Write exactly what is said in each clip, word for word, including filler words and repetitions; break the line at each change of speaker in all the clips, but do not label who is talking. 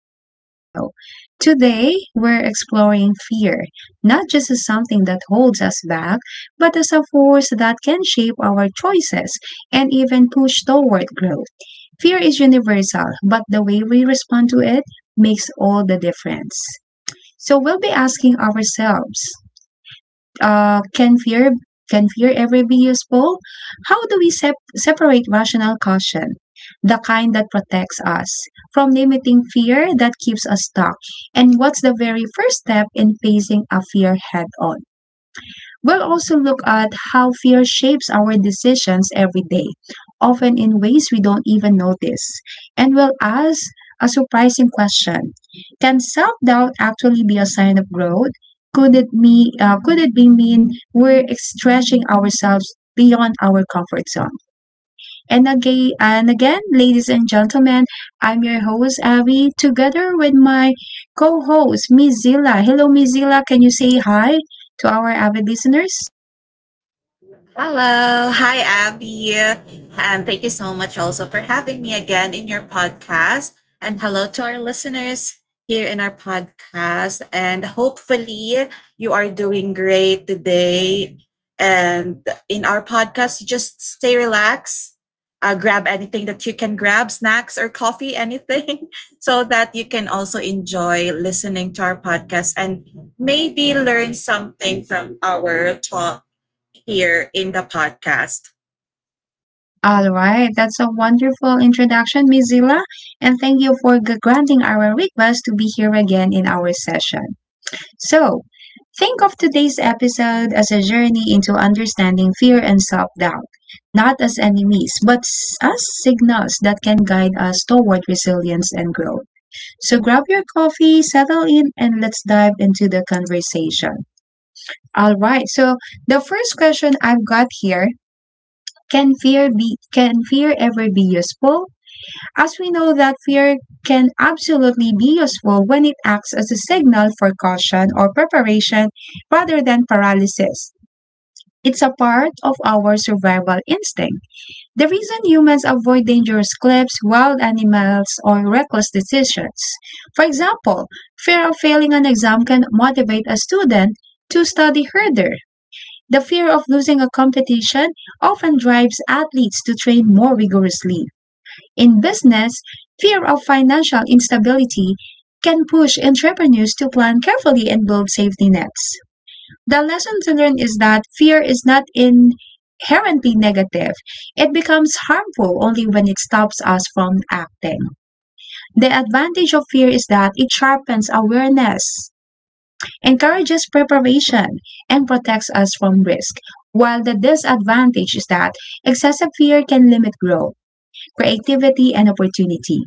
back to the show. Today, we're exploring fear, not just as something that holds us back, but as a force that can shape our choices and even push toward growth. Fear is universal, but the way we respond to it makes all the difference. So, we'll be asking ourselves uh, can fear can fear ever be useful? How do we sep- separate rational caution, the kind that protects us, from limiting fear that keeps us stuck? And what's the very first step in facing a fear head on? We'll also look at how fear shapes our decisions every day, often in ways we don't even notice. And we'll ask a surprising question. Can self doubt actually be a sign of growth? Could it, me, uh, could it be mean we're stretching ourselves beyond our comfort zone? And again, and again, ladies and gentlemen, I'm your host, Abby, together with my co host, Mizilla. Hello, Mizilla. Can you say hi to our avid listeners?
Hello. Hi, Abby. And thank you so much also for having me again in your podcast. And hello to our listeners here in our podcast. And hopefully, you are doing great today. And in our podcast, you just stay relaxed. Uh, grab anything that you can grab, snacks or coffee, anything, so that you can also enjoy listening to our podcast and maybe learn something from our talk here in the podcast.
All right, that's a wonderful introduction, Miss Zila, and thank you for g- granting our request to be here again in our session. So, think of today's episode as a journey into understanding fear and self doubt, not as enemies, but s- as signals that can guide us toward resilience and growth. So, grab your coffee, settle in, and let's dive into the conversation. All right, so the first question I've got here, can fear be can fear ever be useful? As we know, that fear can absolutely be useful when it acts as a signal for caution or preparation rather than paralysis. It's a part of our survival instinct, the reason humans avoid dangerous cliffs, wild animals, or reckless decisions. For example, fear of failing an exam can motivate a student to study harder. The fear of losing a competition often drives athletes to train more rigorously. In business, fear of financial instability can push entrepreneurs to plan carefully and build safety nets. The lesson to learn is that fear is not inherently negative. It becomes harmful only when it stops us from acting. The advantage of fear is that it sharpens awareness, encourages preparation, and protects us from risk, while the disadvantage is that excessive fear can limit growth, creativity, and opportunity.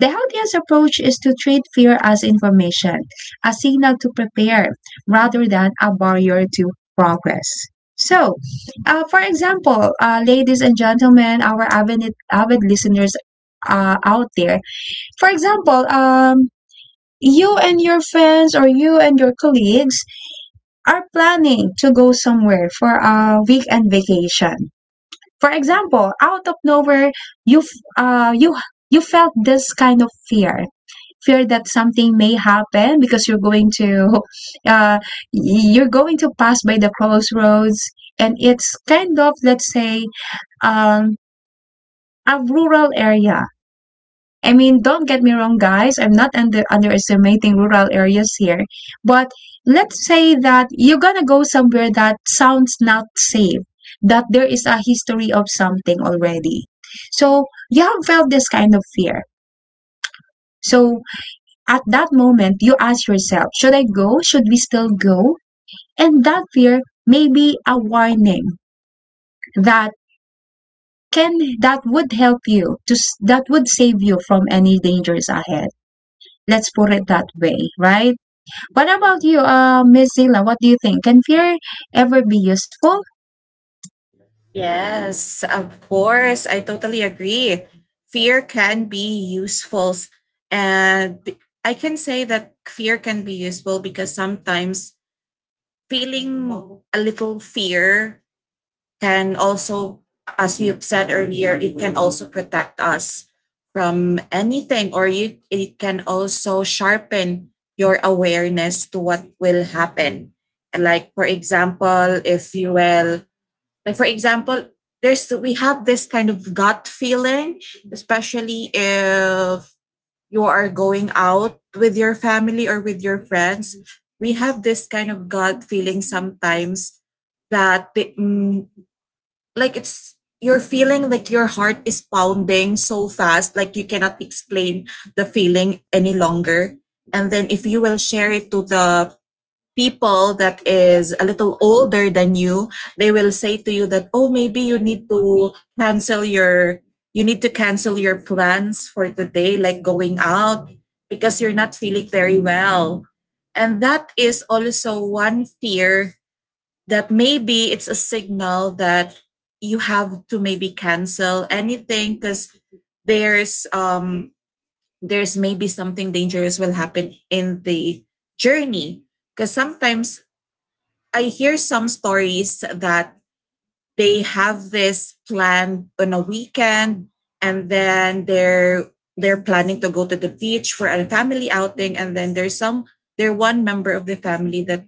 The healthiest approach is to treat fear as information, a signal to prepare, rather than a barrier to progress. So, uh, for example, uh, ladies and gentlemen, our avid, avid listeners uh, out there, for example, um, you and your friends or you and your colleagues are planning to go somewhere for a weekend vacation. For example, out of nowhere, you f- uh, you you felt this kind of fear fear that something may happen because you're going to uh, you're going to pass by the crossroads, and it's kind of, let's say, um, a rural area. I mean, don't get me wrong, guys, I'm not under underestimating rural areas here, but let's say that you're gonna go somewhere that sounds not safe, that there is a history of something already. So you have felt this kind of fear. So at that moment, you ask yourself, should I go? Should we still go? And that fear may be a warning that can that would help you to that would save you from any dangers ahead. Let's put it that way, right? What about you, uh, Miss Zila? What do you think? Can fear ever be useful?
Yes, of course. I totally agree. Fear can be useful. And I can say that fear can be useful because sometimes feeling a little fear can also, as you've said earlier, it can also protect us from anything or you, it can also sharpen your awareness to what will happen. Like, for example, if you will Like, for example, there's we have this kind of gut feeling, especially if you are going out with your family or with your friends. We have this kind of gut feeling sometimes that the- mm, like it's you're feeling like your heart is pounding so fast, like you cannot explain the feeling any longer. And then if you will share it to the people that is a little older than you, they will say to you that, oh, maybe you need to cancel your, you need to cancel your plans for today, like going out because you're not feeling very well. And that is also one fear that maybe it's a signal that you have to maybe cancel anything because there's um there's maybe something dangerous will happen in the journey, because sometimes I hear some stories that they have this plan on a weekend, and then they're they're planning to go to the beach for a family outing, and then there's some there's one member of the family that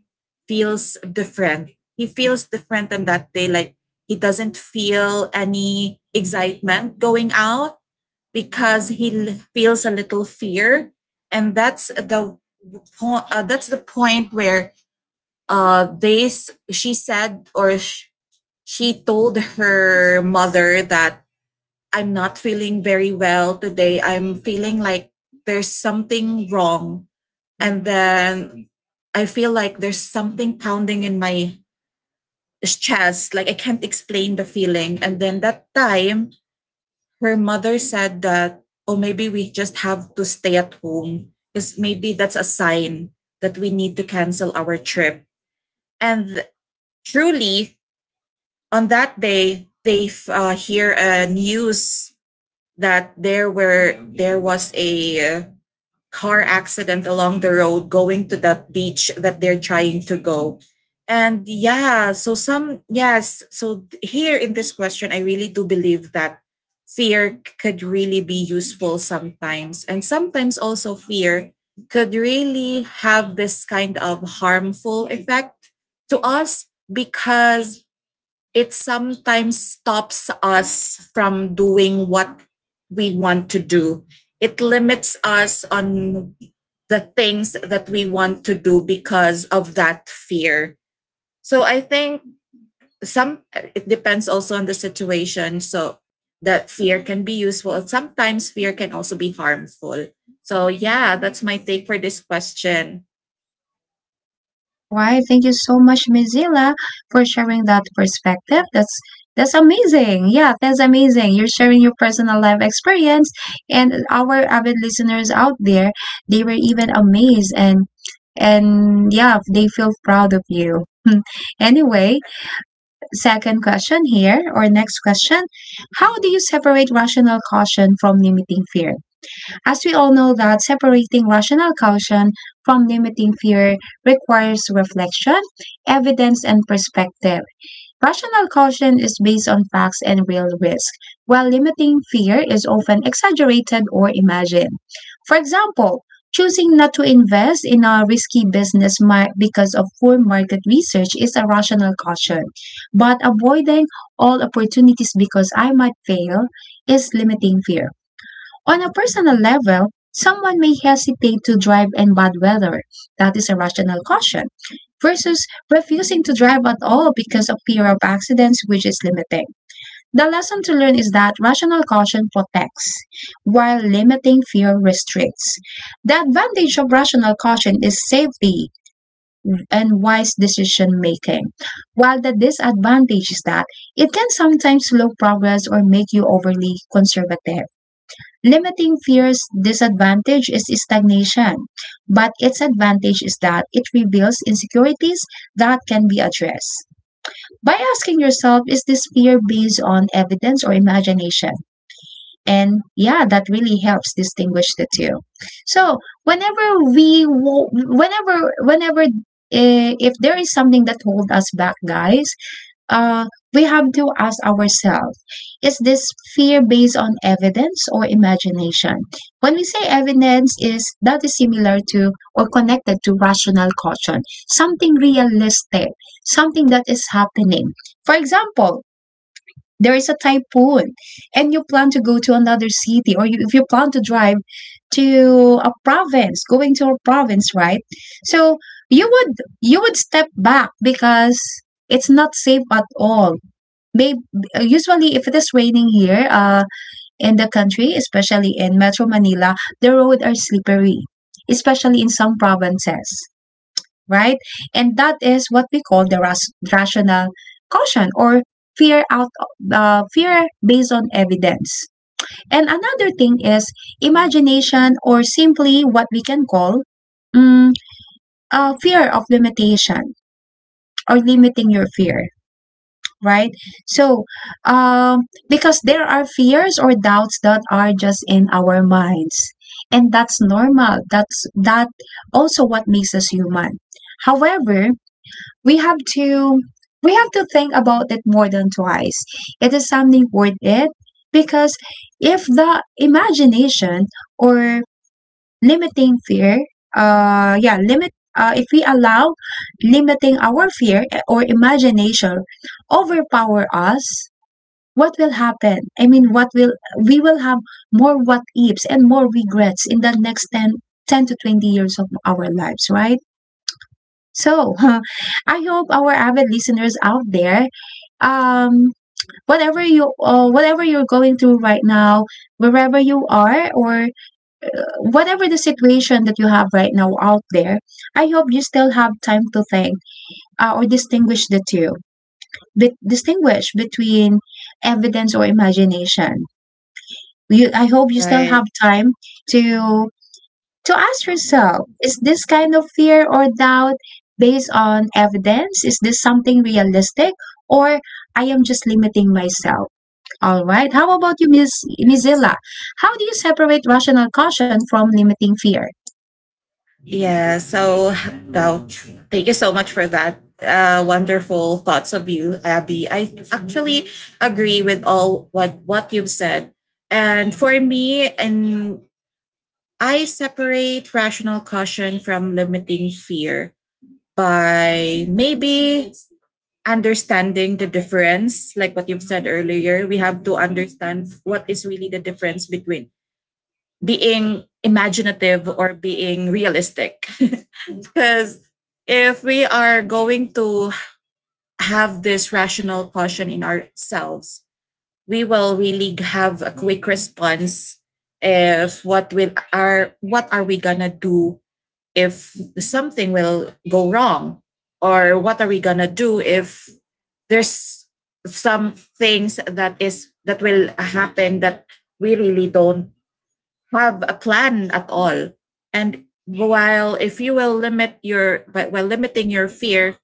feels different. He feels different on that day, like he doesn't feel any excitement going out because he l- feels a little fear, and that's the po- uh, that's the point where uh this she said or sh- she told her mother that, I'm not feeling very well today, I'm feeling like there's something wrong, and then I feel like there's something pounding in my chest, like I can't explain the feeling. And then, that time, her mother said that, oh, maybe we just have to stay at home because maybe that's a sign that we need to cancel our trip. And truly, on that day, they uh, hear a uh, news that there were there was a uh, car accident along the road going to that beach that they're trying to go. And yeah so some yes so here in this question, I really do believe that fear could really be useful sometimes, and sometimes also fear could really have this kind of harmful effect to us because it sometimes stops us from doing what we want to do. It limits us on the things that we want to do because of that fear. So I think some it depends also on the situation. So that fear can be useful. Sometimes fear can also be harmful. So yeah, that's my take for this question.
All right. Thank you so much, Mozilla, for sharing that perspective. That's that's amazing. Yeah, that's amazing. You're sharing your personal life experience, and our avid listeners out there, they were even amazed, and and yeah, they feel proud of you. Hmm. Anyway, second question here, or next question: How do you separate rational caution from limiting fear? As we all know, that separating rational caution from limiting fear requires reflection, evidence, and perspective. Rational caution is based on facts and real risk, while limiting fear is often exaggerated or imagined. For example, choosing not to invest in a risky business mar- because of poor market research is a rational caution, but avoiding all opportunities because I might fail is limiting fear. On a personal level, someone may hesitate to drive in bad weather. That is irrational caution, versus refusing to drive at all because of fear of accidents, which is limiting. The lesson to learn is that rational caution protects, while limiting fear restricts. The advantage of rational caution is safety and wise decision making, while the disadvantage is that it can sometimes slow progress or make you overly conservative. Limiting fear's disadvantage is stagnation, but its advantage is that it reveals insecurities that can be addressed. By asking yourself, is this fear based on evidence or imagination? And yeah, that really helps distinguish the two. So, whenever we, whenever, whenever, eh, if there is something that hold us back, guys, uh, we have to ask ourselves, is this fear based on evidence or imagination? When we say evidence, is that is similar to or connected to rational caution, something realistic, something that is happening. For example, there is a typhoon and you plan to go to another city, or you, if you plan to drive to a province, going to a province right? So you would you would step back because it's not safe at all. Babe, usually if it is raining here, uh, in the country, especially in Metro Manila, the roads are slippery, especially in some provinces, right? And that is what we call the ras- rational caution, or fear out uh, fear based on evidence. And another thing is imagination, or simply what we can call, mm, uh, fear of limitation, or limiting your fear, right? So, um, because there are fears or doubts that are just in our minds, and that's normal. That's that also what makes us human. However, we have to we have to think about it more than twice. It is something worth it, because if the imagination or limiting fear uh yeah limit uh, if we allow limiting our fear eh, or imagination overpower us, what will happen? I mean what will We will have more what ifs and more regrets in the next ten, ten to twenty years of our lives, right? So I hope our avid listeners out there, um, whatever you uh, whatever you're going through right now, wherever you are, or whatever the situation that you have right now out there, I hope you still have time to think, uh, or distinguish the two. But distinguish between evidence or imagination. You, I hope you still
Right.
have time to to ask yourself: Is this kind of fear or doubt based on evidence? Is this something realistic, or I am just limiting myself? All right. How about you, Miss Mizilla? How do you separate rational caution from limiting fear?
Yeah, so well, thank you so much for that. Uh, wonderful thoughts of you, Abby. I actually agree with all what what you've said. And for me, and I separate rational caution from limiting fear by maybe understanding the difference, like what you've said earlier. We have to understand what is really the difference between being imaginative or being realistic. Because if we are going to have this rational caution in ourselves, we will really have a quick response if what will are what are we gonna do if something will go wrong, or what are we gonna do if there's some things that is that will happen that we really don't have a plan at all. And while if you will limit your but while limiting your fear,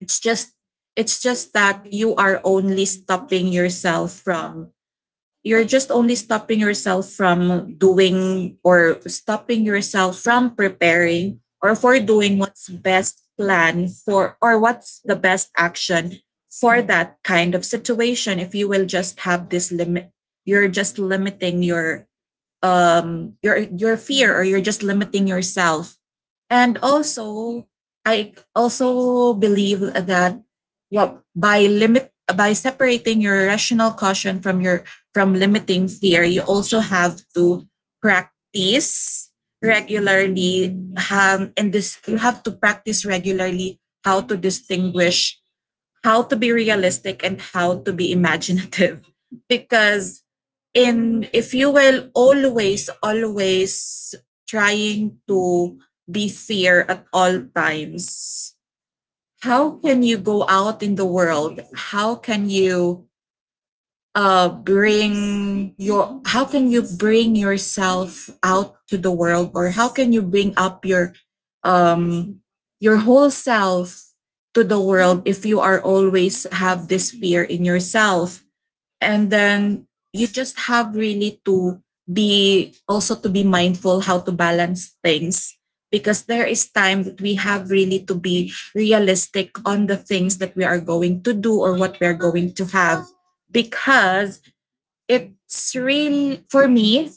it's just it's just that you are only stopping yourself from you're just only stopping yourself from doing, or stopping yourself from preparing, or for doing what's best plan for, or what's the best action for that kind of situation. If you will just have this limit, you're just limiting your um your your fear, or you're just limiting yourself. And also, I also believe that, yup, by limit by separating your rational caution from your from limiting fear, you also have to practice regularly. Um, and this You have to practice regularly how to distinguish how to be realistic and how to be imaginative, because, and if you will always always trying to be fair at all times, how can you go out in the world? How can you uh bring your how can you bring yourself out to the world, or how can you bring up your um your whole self to the world if you are always have this fear in yourself? And then, you just have really to be also to be mindful how to balance things, because there is time that we have really to be realistic on the things that we are going to do or what we are going to have. Because it's really, for me,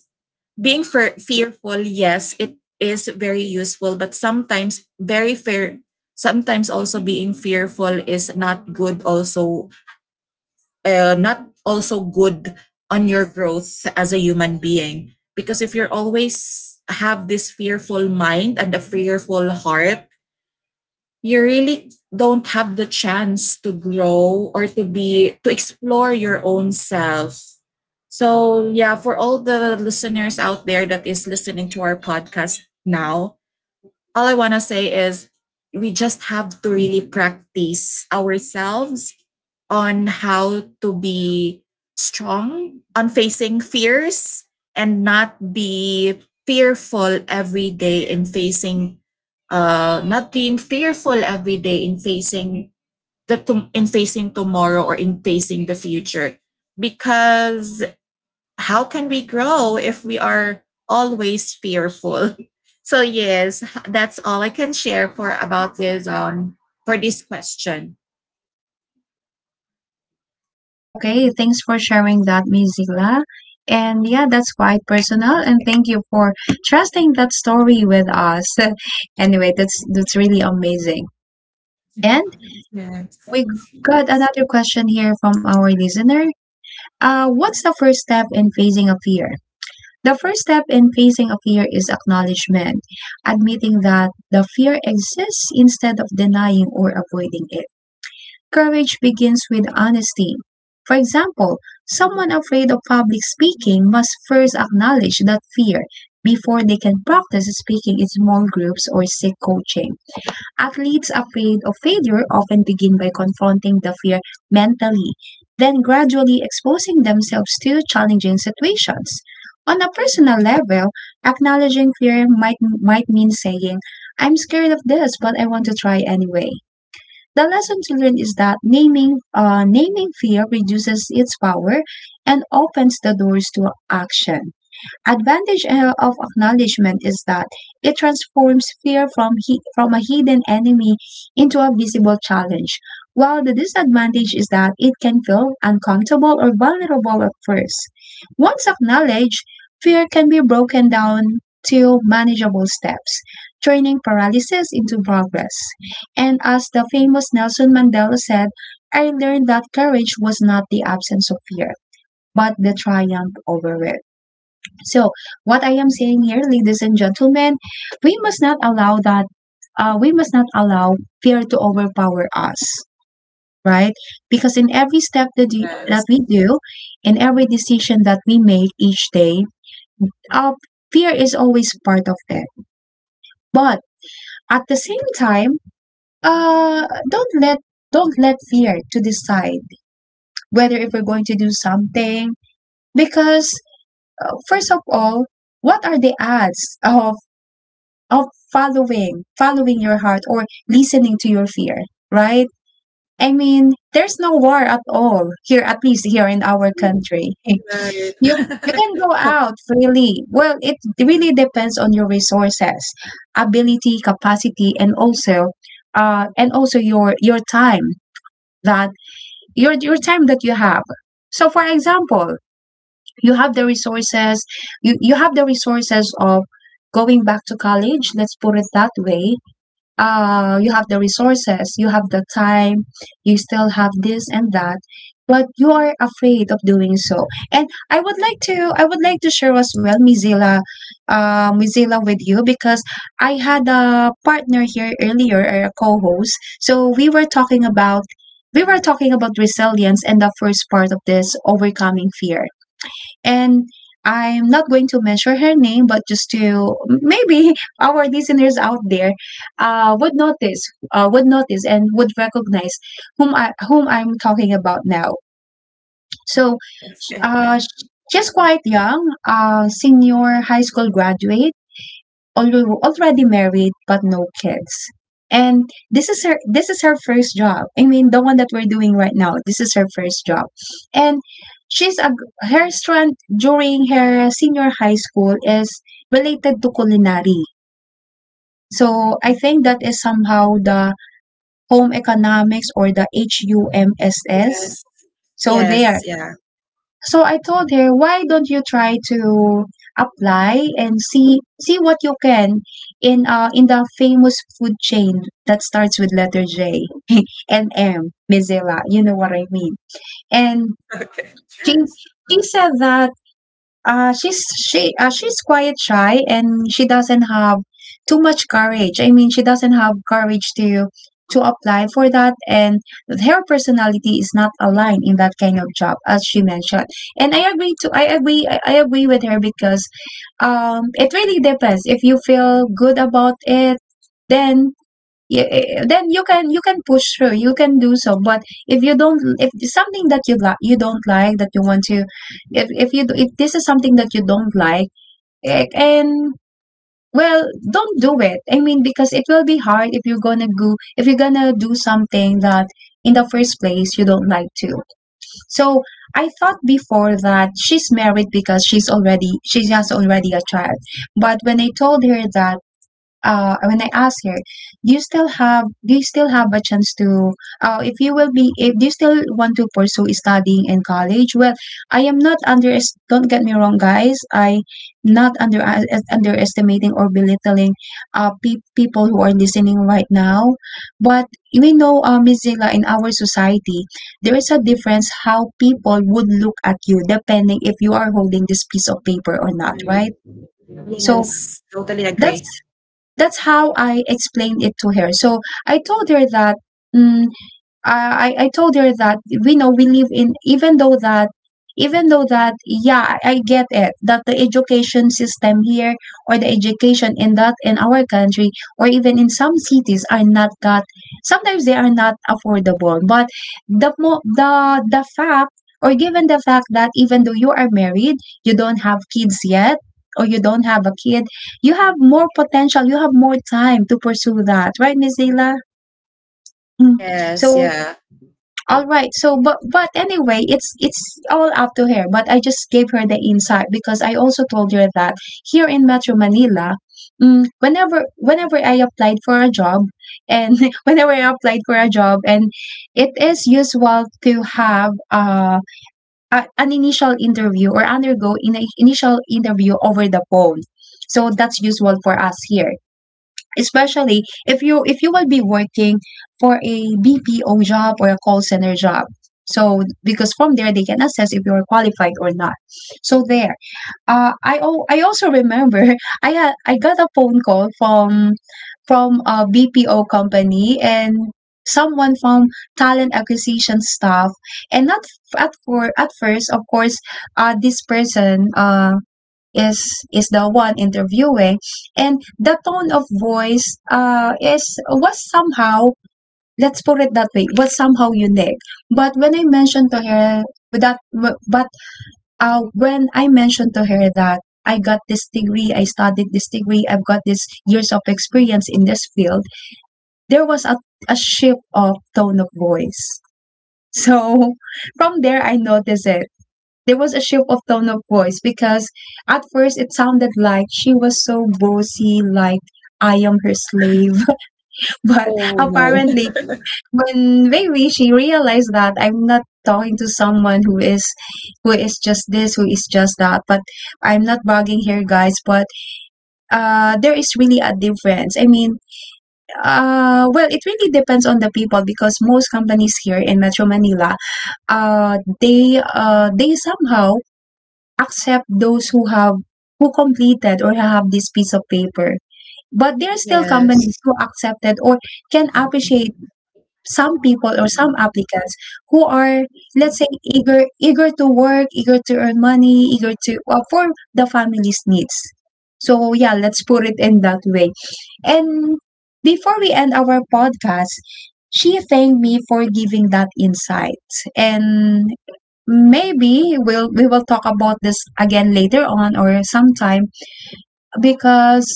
being fe- fearful, yes, it is very useful, but sometimes very fair. Sometimes also being fearful is not good also, uh, not also good on your growth as a human being, because if you're always have this fearful mind and a fearful heart, you really don't have the chance to grow or to be to explore your own self. So yeah, for all the listeners out there that is listening to our podcast now, all I want to say is we just have to really practice ourselves on how to be strong on facing fears and not be fearful every day in facing uh not being fearful every day in facing the to- in facing tomorrow or in facing the future. Because how can we grow if we are always fearful? So yes, that's all I can share for about this um for this question.
Okay, thanks for sharing that, Miss Zila. And yeah, that's quite personal. And thank you for trusting that story with us. Anyway, that's that's really amazing. And we got another question here from our listener. Uh, what's the first step in facing a fear? The first step in facing a fear is acknowledgement, admitting that the fear exists instead of denying or avoiding it. Courage begins with honesty. For example, someone afraid of public speaking must first acknowledge that fear before they can practice speaking in small groups or seek coaching. Athletes afraid of failure often begin by confronting the fear mentally, then gradually exposing themselves to challenging situations. On a personal level, acknowledging fear might might mean saying, "I'm scared of this, but I want to try anyway." The lesson to learn is that naming uh, naming fear reduces its power and opens the doors to action. Advantage uh, of acknowledgement is that it transforms fear from he- from a hidden enemy into a visible challenge, while the disadvantage is that it can feel uncomfortable or vulnerable at first. Once acknowledged, fear can be broken down to manageable steps, turning paralysis into progress. And as the famous Nelson Mandela said, I learned that courage was not the absence of fear, but the triumph over it. So, what I am saying here, ladies and gentlemen, we must not allow that, uh, we must not allow fear to overpower us, right? Because in every step that,
Yes.
you, that we
Yes.
do, in every decision that we make each day, uh, fear is always part of it. But at the same time, uh, don't let don't let fear to decide whether if we're going to do something, because, uh, first of all, what are the odds, uh, of following, following your heart or listening to your fear, right? I mean, there's no war at all here, at least here in our country.
Right.
You you can go out freely. Well, it really depends on your resources, ability, capacity, and also, uh, and also your your time that your your time that you have. So, for example, you have the resources. You you have the resources of going back to college. Let's put it that way. Uh, you have the resources, you have the time, you still have this and that, but you are afraid of doing so. And I would like to, I would like to share as well, Mizila, uh, Mizilla with you because I had a partner here earlier, or a co-host. So we were talking about, we were talking about resilience and the first part of this overcoming fear, and I'm not going to mention her name, but just to maybe our listeners out there uh, would notice, uh, would notice, and would recognize whom I whom I'm talking about now. So, uh, she's quite young, uh, senior high school graduate, although already married but no kids. And this is her this is her first job. I mean, the one that we're doing right now. This is her first job, and she's a her strength during her senior high school is related to culinary. So I think that is somehow the home economics or the HUMSS.
Yes.
So there,
Yes. Yeah.
so I told her, why don't you try to apply and see see what you can in uh in the famous food chain that starts with letter J and M, Mizela. You know what I mean. And
Okay.
she she said that uh, she's she uh, she's quite shy and she doesn't have too much courage. I mean, she doesn't have courage to to apply for that, and her personality is not aligned in that kind of job, as she mentioned. And I agree to I agree I I agree with her because um, it really depends. If you feel good about it, then yeah, eh, eh, then you can you can push through, you can do so. But if you don't, if it's something that you like you don't like, that you want to if if you if this is something that you don't like, eh, and well don't do it. I mean, because it will be hard if you're gonna go if you're gonna do something that in the first place you don't like to. So I thought before that she's married because she's already she has already a child, but when I told her that, uh, when I asked her, "Do you still have do you still have a chance to, uh, if you will be if do you still want to pursue studying in college?" Well, I am not under don't get me wrong, guys. I not under uh, underestimating or belittling uh, pe- people who are listening right now, but we know, uh, Miss Zila, in our society, there is a difference how people would look at you depending if you are holding this piece of paper or not, right? So
Yes, totally
that's
agree.
that's how I explained it to her. So I told her that, mm, I, I I told her that we know we live in, even though that even though that yeah, I I get it that the education system here or the education in that in our country or even in some cities are not that, sometimes they are not affordable, but the mo- the the fact, or given the fact that even though you are married, you don't have kids yet, or you don't have a kid, you have more potential, you have more time to pursue that, right, Miss Zila? Mm.
Yes,
So
yeah.
all right. So, but but anyway, it's it's all up to her. But I just gave her the insight because I also told her that here in Metro Manila, mm, whenever whenever I applied for a job, and whenever I applied for a job, and it is usual to have uh, a, an initial interview or undergo in initial interview over the phone. So that's usual for us here, especially if you if you will be working for a B P O job or a call center job. So because from there they can assess if you are qualified or not. So there, uh, I oh I also remember I had I got a phone call from from a B P O company and someone from talent acquisition staff, and not f- at for at first, of course, uh this person, uh is is the one interviewing, and the tone of voice, uh is was somehow, let's put it that way, was somehow unique. But when I mentioned to her that, but uh when I mentioned to her that I got this degree, I studied this degree, I've got this years of experience in this field, there was a, a shift of tone of voice. So from there, I noticed it, there was a shift of tone of voice because at first it sounded like she was so bossy, like I am her slave. But
Oh, no.
apparently, when maybe she realized that I'm not talking to someone who is who is just this, who is just that. But I'm not bugging here, guys. But uh, there is really a difference. I mean, uh, well, it really depends on the people because most companies here in Metro Manila, uh, they uh, they somehow accept those who have who completed or have this piece of paper. But there are still companies
Yes.
who accepted or can appreciate some people or some applicants who are, let's say, eager eager to work, eager to earn money, eager to, uh, for the family's needs. So yeah, let's put it in that way. And before we end our podcast, she thanked me for giving that insight. And maybe we'll we will talk about this again later on or sometime because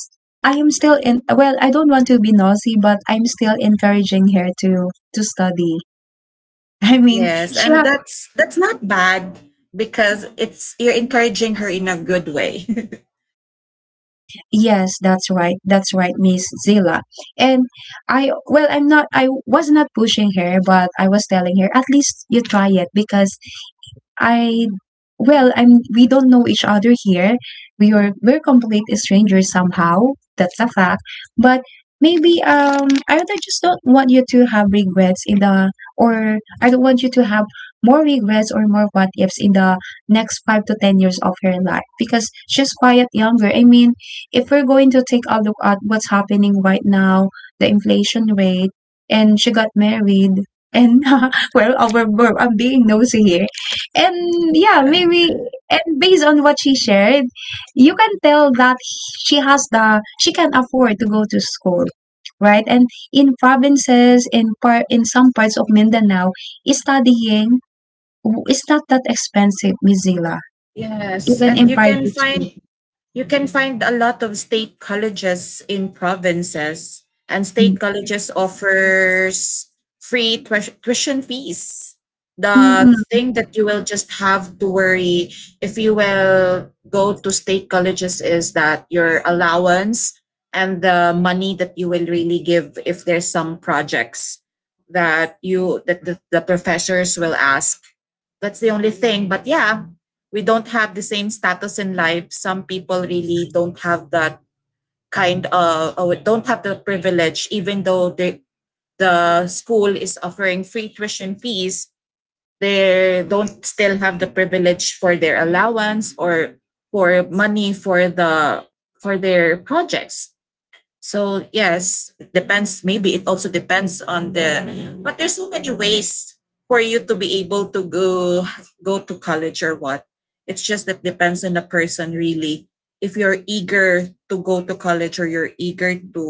I am still in well, I don't want to be nosy, but I'm still encouraging her to to study. I mean,
Yes,
she
and
ha-
that's that's not bad because it's you're encouraging her in a good way.
yes, that's right. That's right, Miss Zila. And I well I'm not I was not pushing her, but I was telling her at least you try it because I well, I'm, we don't know each other here. We are we're complete strangers somehow. That's a fact. But maybe, um I don't- I just don't want you to have regrets in the, or I don't want you to have more regrets or more what ifs in the next five to ten years of her life because she's quite younger. I mean, if we're going to take a look at what's happening right now, the inflation rate, and she got married, and well, uh, we're, we're, I'm being nosy here, and yeah, maybe, and based on what she shared, you can tell that she has the she can afford to go to school, right? And in provinces, in part in some parts of Mindanao, studying w- is not that expensive, Mizila.
Yes,
Even
and
in
you can
private
find
school.
You can find a lot of state colleges in provinces, and
Mm.
state colleges offers free tuis- tuition fees.
Mm.
The
Mm.
thing that you will just have to worry if you will go to state colleges is that your allowance, and the money that you will really give if there's some projects that you that the, the professors will ask. That's the only thing. But yeah, we don't have the same status in life. Some people really don't have that kind of, or don't have the privilege, even though the the school is offering free tuition fees. They don't still have the privilege for their allowance, or for money for the, for their projects. So yes, depends. Maybe it also depends on the. But there's so many ways for you to be able to go go to college or what. It's just that depends on the person really. If you're eager to go to college, or you're eager to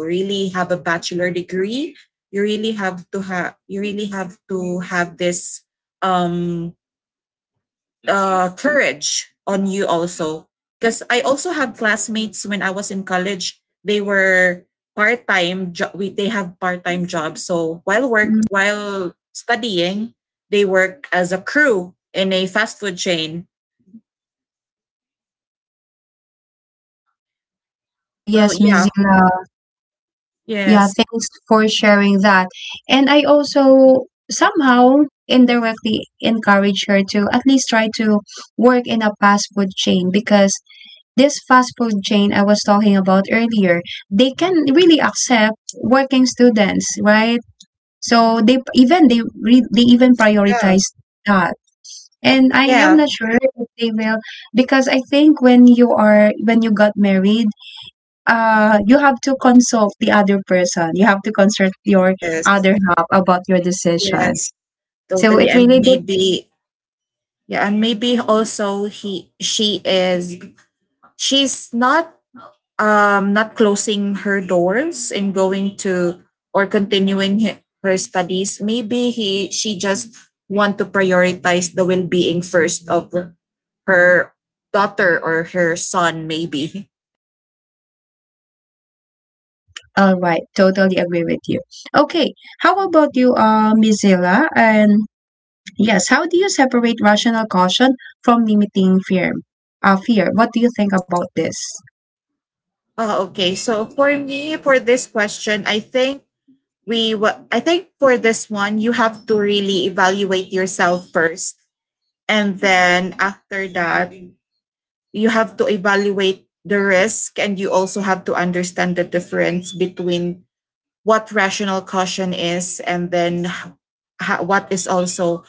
really have a bachelor degree, you really have to have you really have to have this um uh, courage on you also. Because I also had classmates when I was in college. They were part time. Jo- we They have part time jobs. So while work
Mm.
while studying, they work as a crew in a fast food chain.
Ah,
So
yes,
yeah,
Mizila. Yeah,
yes,
thanks for sharing that. And I also somehow indirectly encourage her to at least try to work in a fast food chain because this fast food chain I was talking about earlier, they can really accept working students, right? So they, even they re, they even
yeah,
prioritize that. And I am
yeah,
not sure if they will, because I think when you are when you got married, uh, you have to consult the other person. You have to consult your
yes,
other half about your decision.
yes,
So
totally.
it
And
really dep—
maybe, yeah, and maybe also he she is, she's not um not closing her doors and going to or continuing he- her studies. Maybe he she just want to prioritize the well-being first of her daughter or her son maybe.
All right, totally agree with you. Okay, how about you, uh, Miss Zilla? And yes, how do you separate rational caution from limiting fear? Uh, fear. What do you think about this?
Uh, okay so for me for this question, I think we wa- i think for this one you have to really evaluate yourself first, and then after that you have to evaluate the risk, and you also have to understand the difference between what rational caution is, and then ha- what is also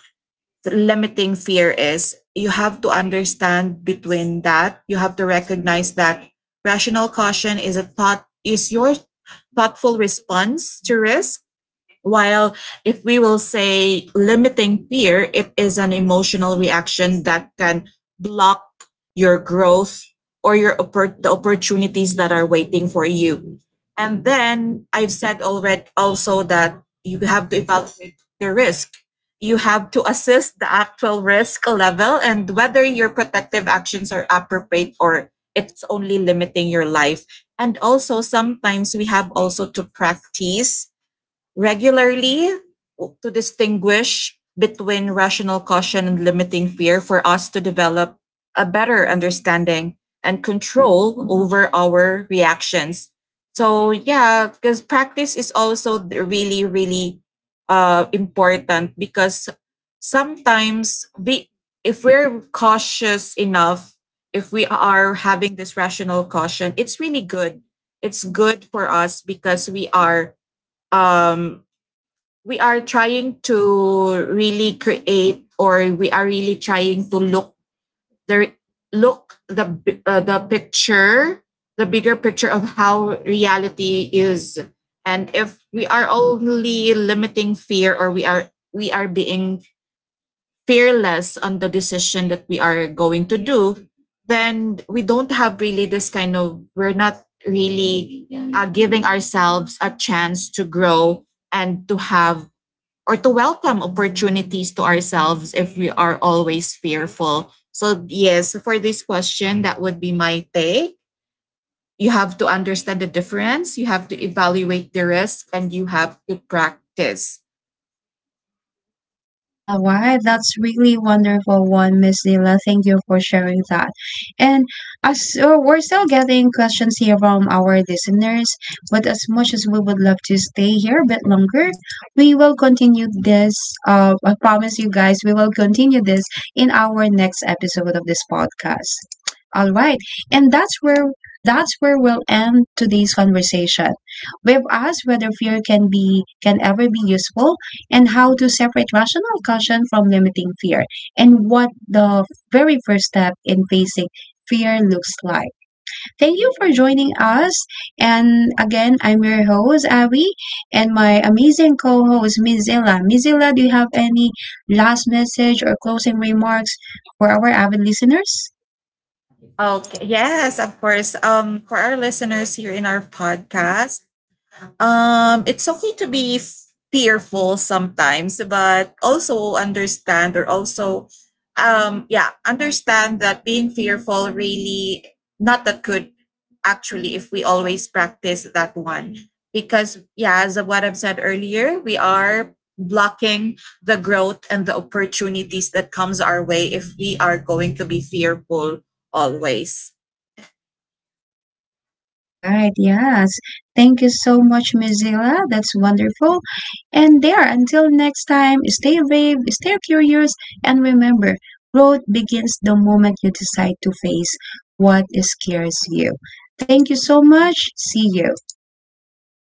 the limiting fear is. You have to understand between that, you have to recognize that rational caution is a thought is your thoughtful response to risk, while if we will say limiting fear, it is an emotional reaction that can block your growth or your oppor- the opportunities that are waiting for you. And then I've said already also that you have to evaluate the risk. You have to assess the actual risk level and whether your protective actions are appropriate or it's only limiting your life. And also, sometimes we have also to practice regularly to distinguish between rational caution and limiting fear for us to develop a better understanding and control over our reactions. So yeah, because practice is also really, really uh, important. Because sometimes we, if we're cautious enough, if we are having this rational caution, it's really good. It's good for us because we are um, we are trying to really create, or we are really trying to look the look the uh, the picture, the bigger picture of how reality is. And if we are only limiting fear, or we are we are being fearless on the decision that we are going to do, then we don't have really this kind of, we're not really uh, giving ourselves a chance to grow and to have or to welcome opportunities to ourselves if we are always fearful. So yes, for this question, that would be my take. You have to understand the difference, you have to evaluate the risk, and you have to practice.
All right, that's really wonderful one, Miss Lila. Thank you for sharing that. And as, uh, we're still getting questions here from our listeners, but as much as we would love to stay here a bit longer, we will continue this. Uh, I promise you guys, we will continue this in our next episode of this podcast. All right, and that's where that's where we'll end today's conversation. We've asked whether fear can be can ever be useful, and how to separate rational caution from limiting fear, and what the very first step in facing fear looks like. Thank you for joining us. And again, I'm your host, Abby, and my amazing co host, Mizilla. Mizilla, do you have any last message or closing remarks for our avid listeners?
Okay, yes, of course. Um, for our listeners here in our podcast, Um, it's okay to be f- fearful sometimes, but also understand, or also, um, yeah, understand that being fearful really not that good actually if we always practice that one. Because, yeah, as of what I've said earlier, we are blocking the growth and the opportunities that comes our way if we are going to be fearful always.
Right, yes. Thank you so much, Miss Zila. That's wonderful. And there, until next time, stay brave, stay curious, and remember, growth begins the moment you decide to face what scares you. Thank you so much. See you.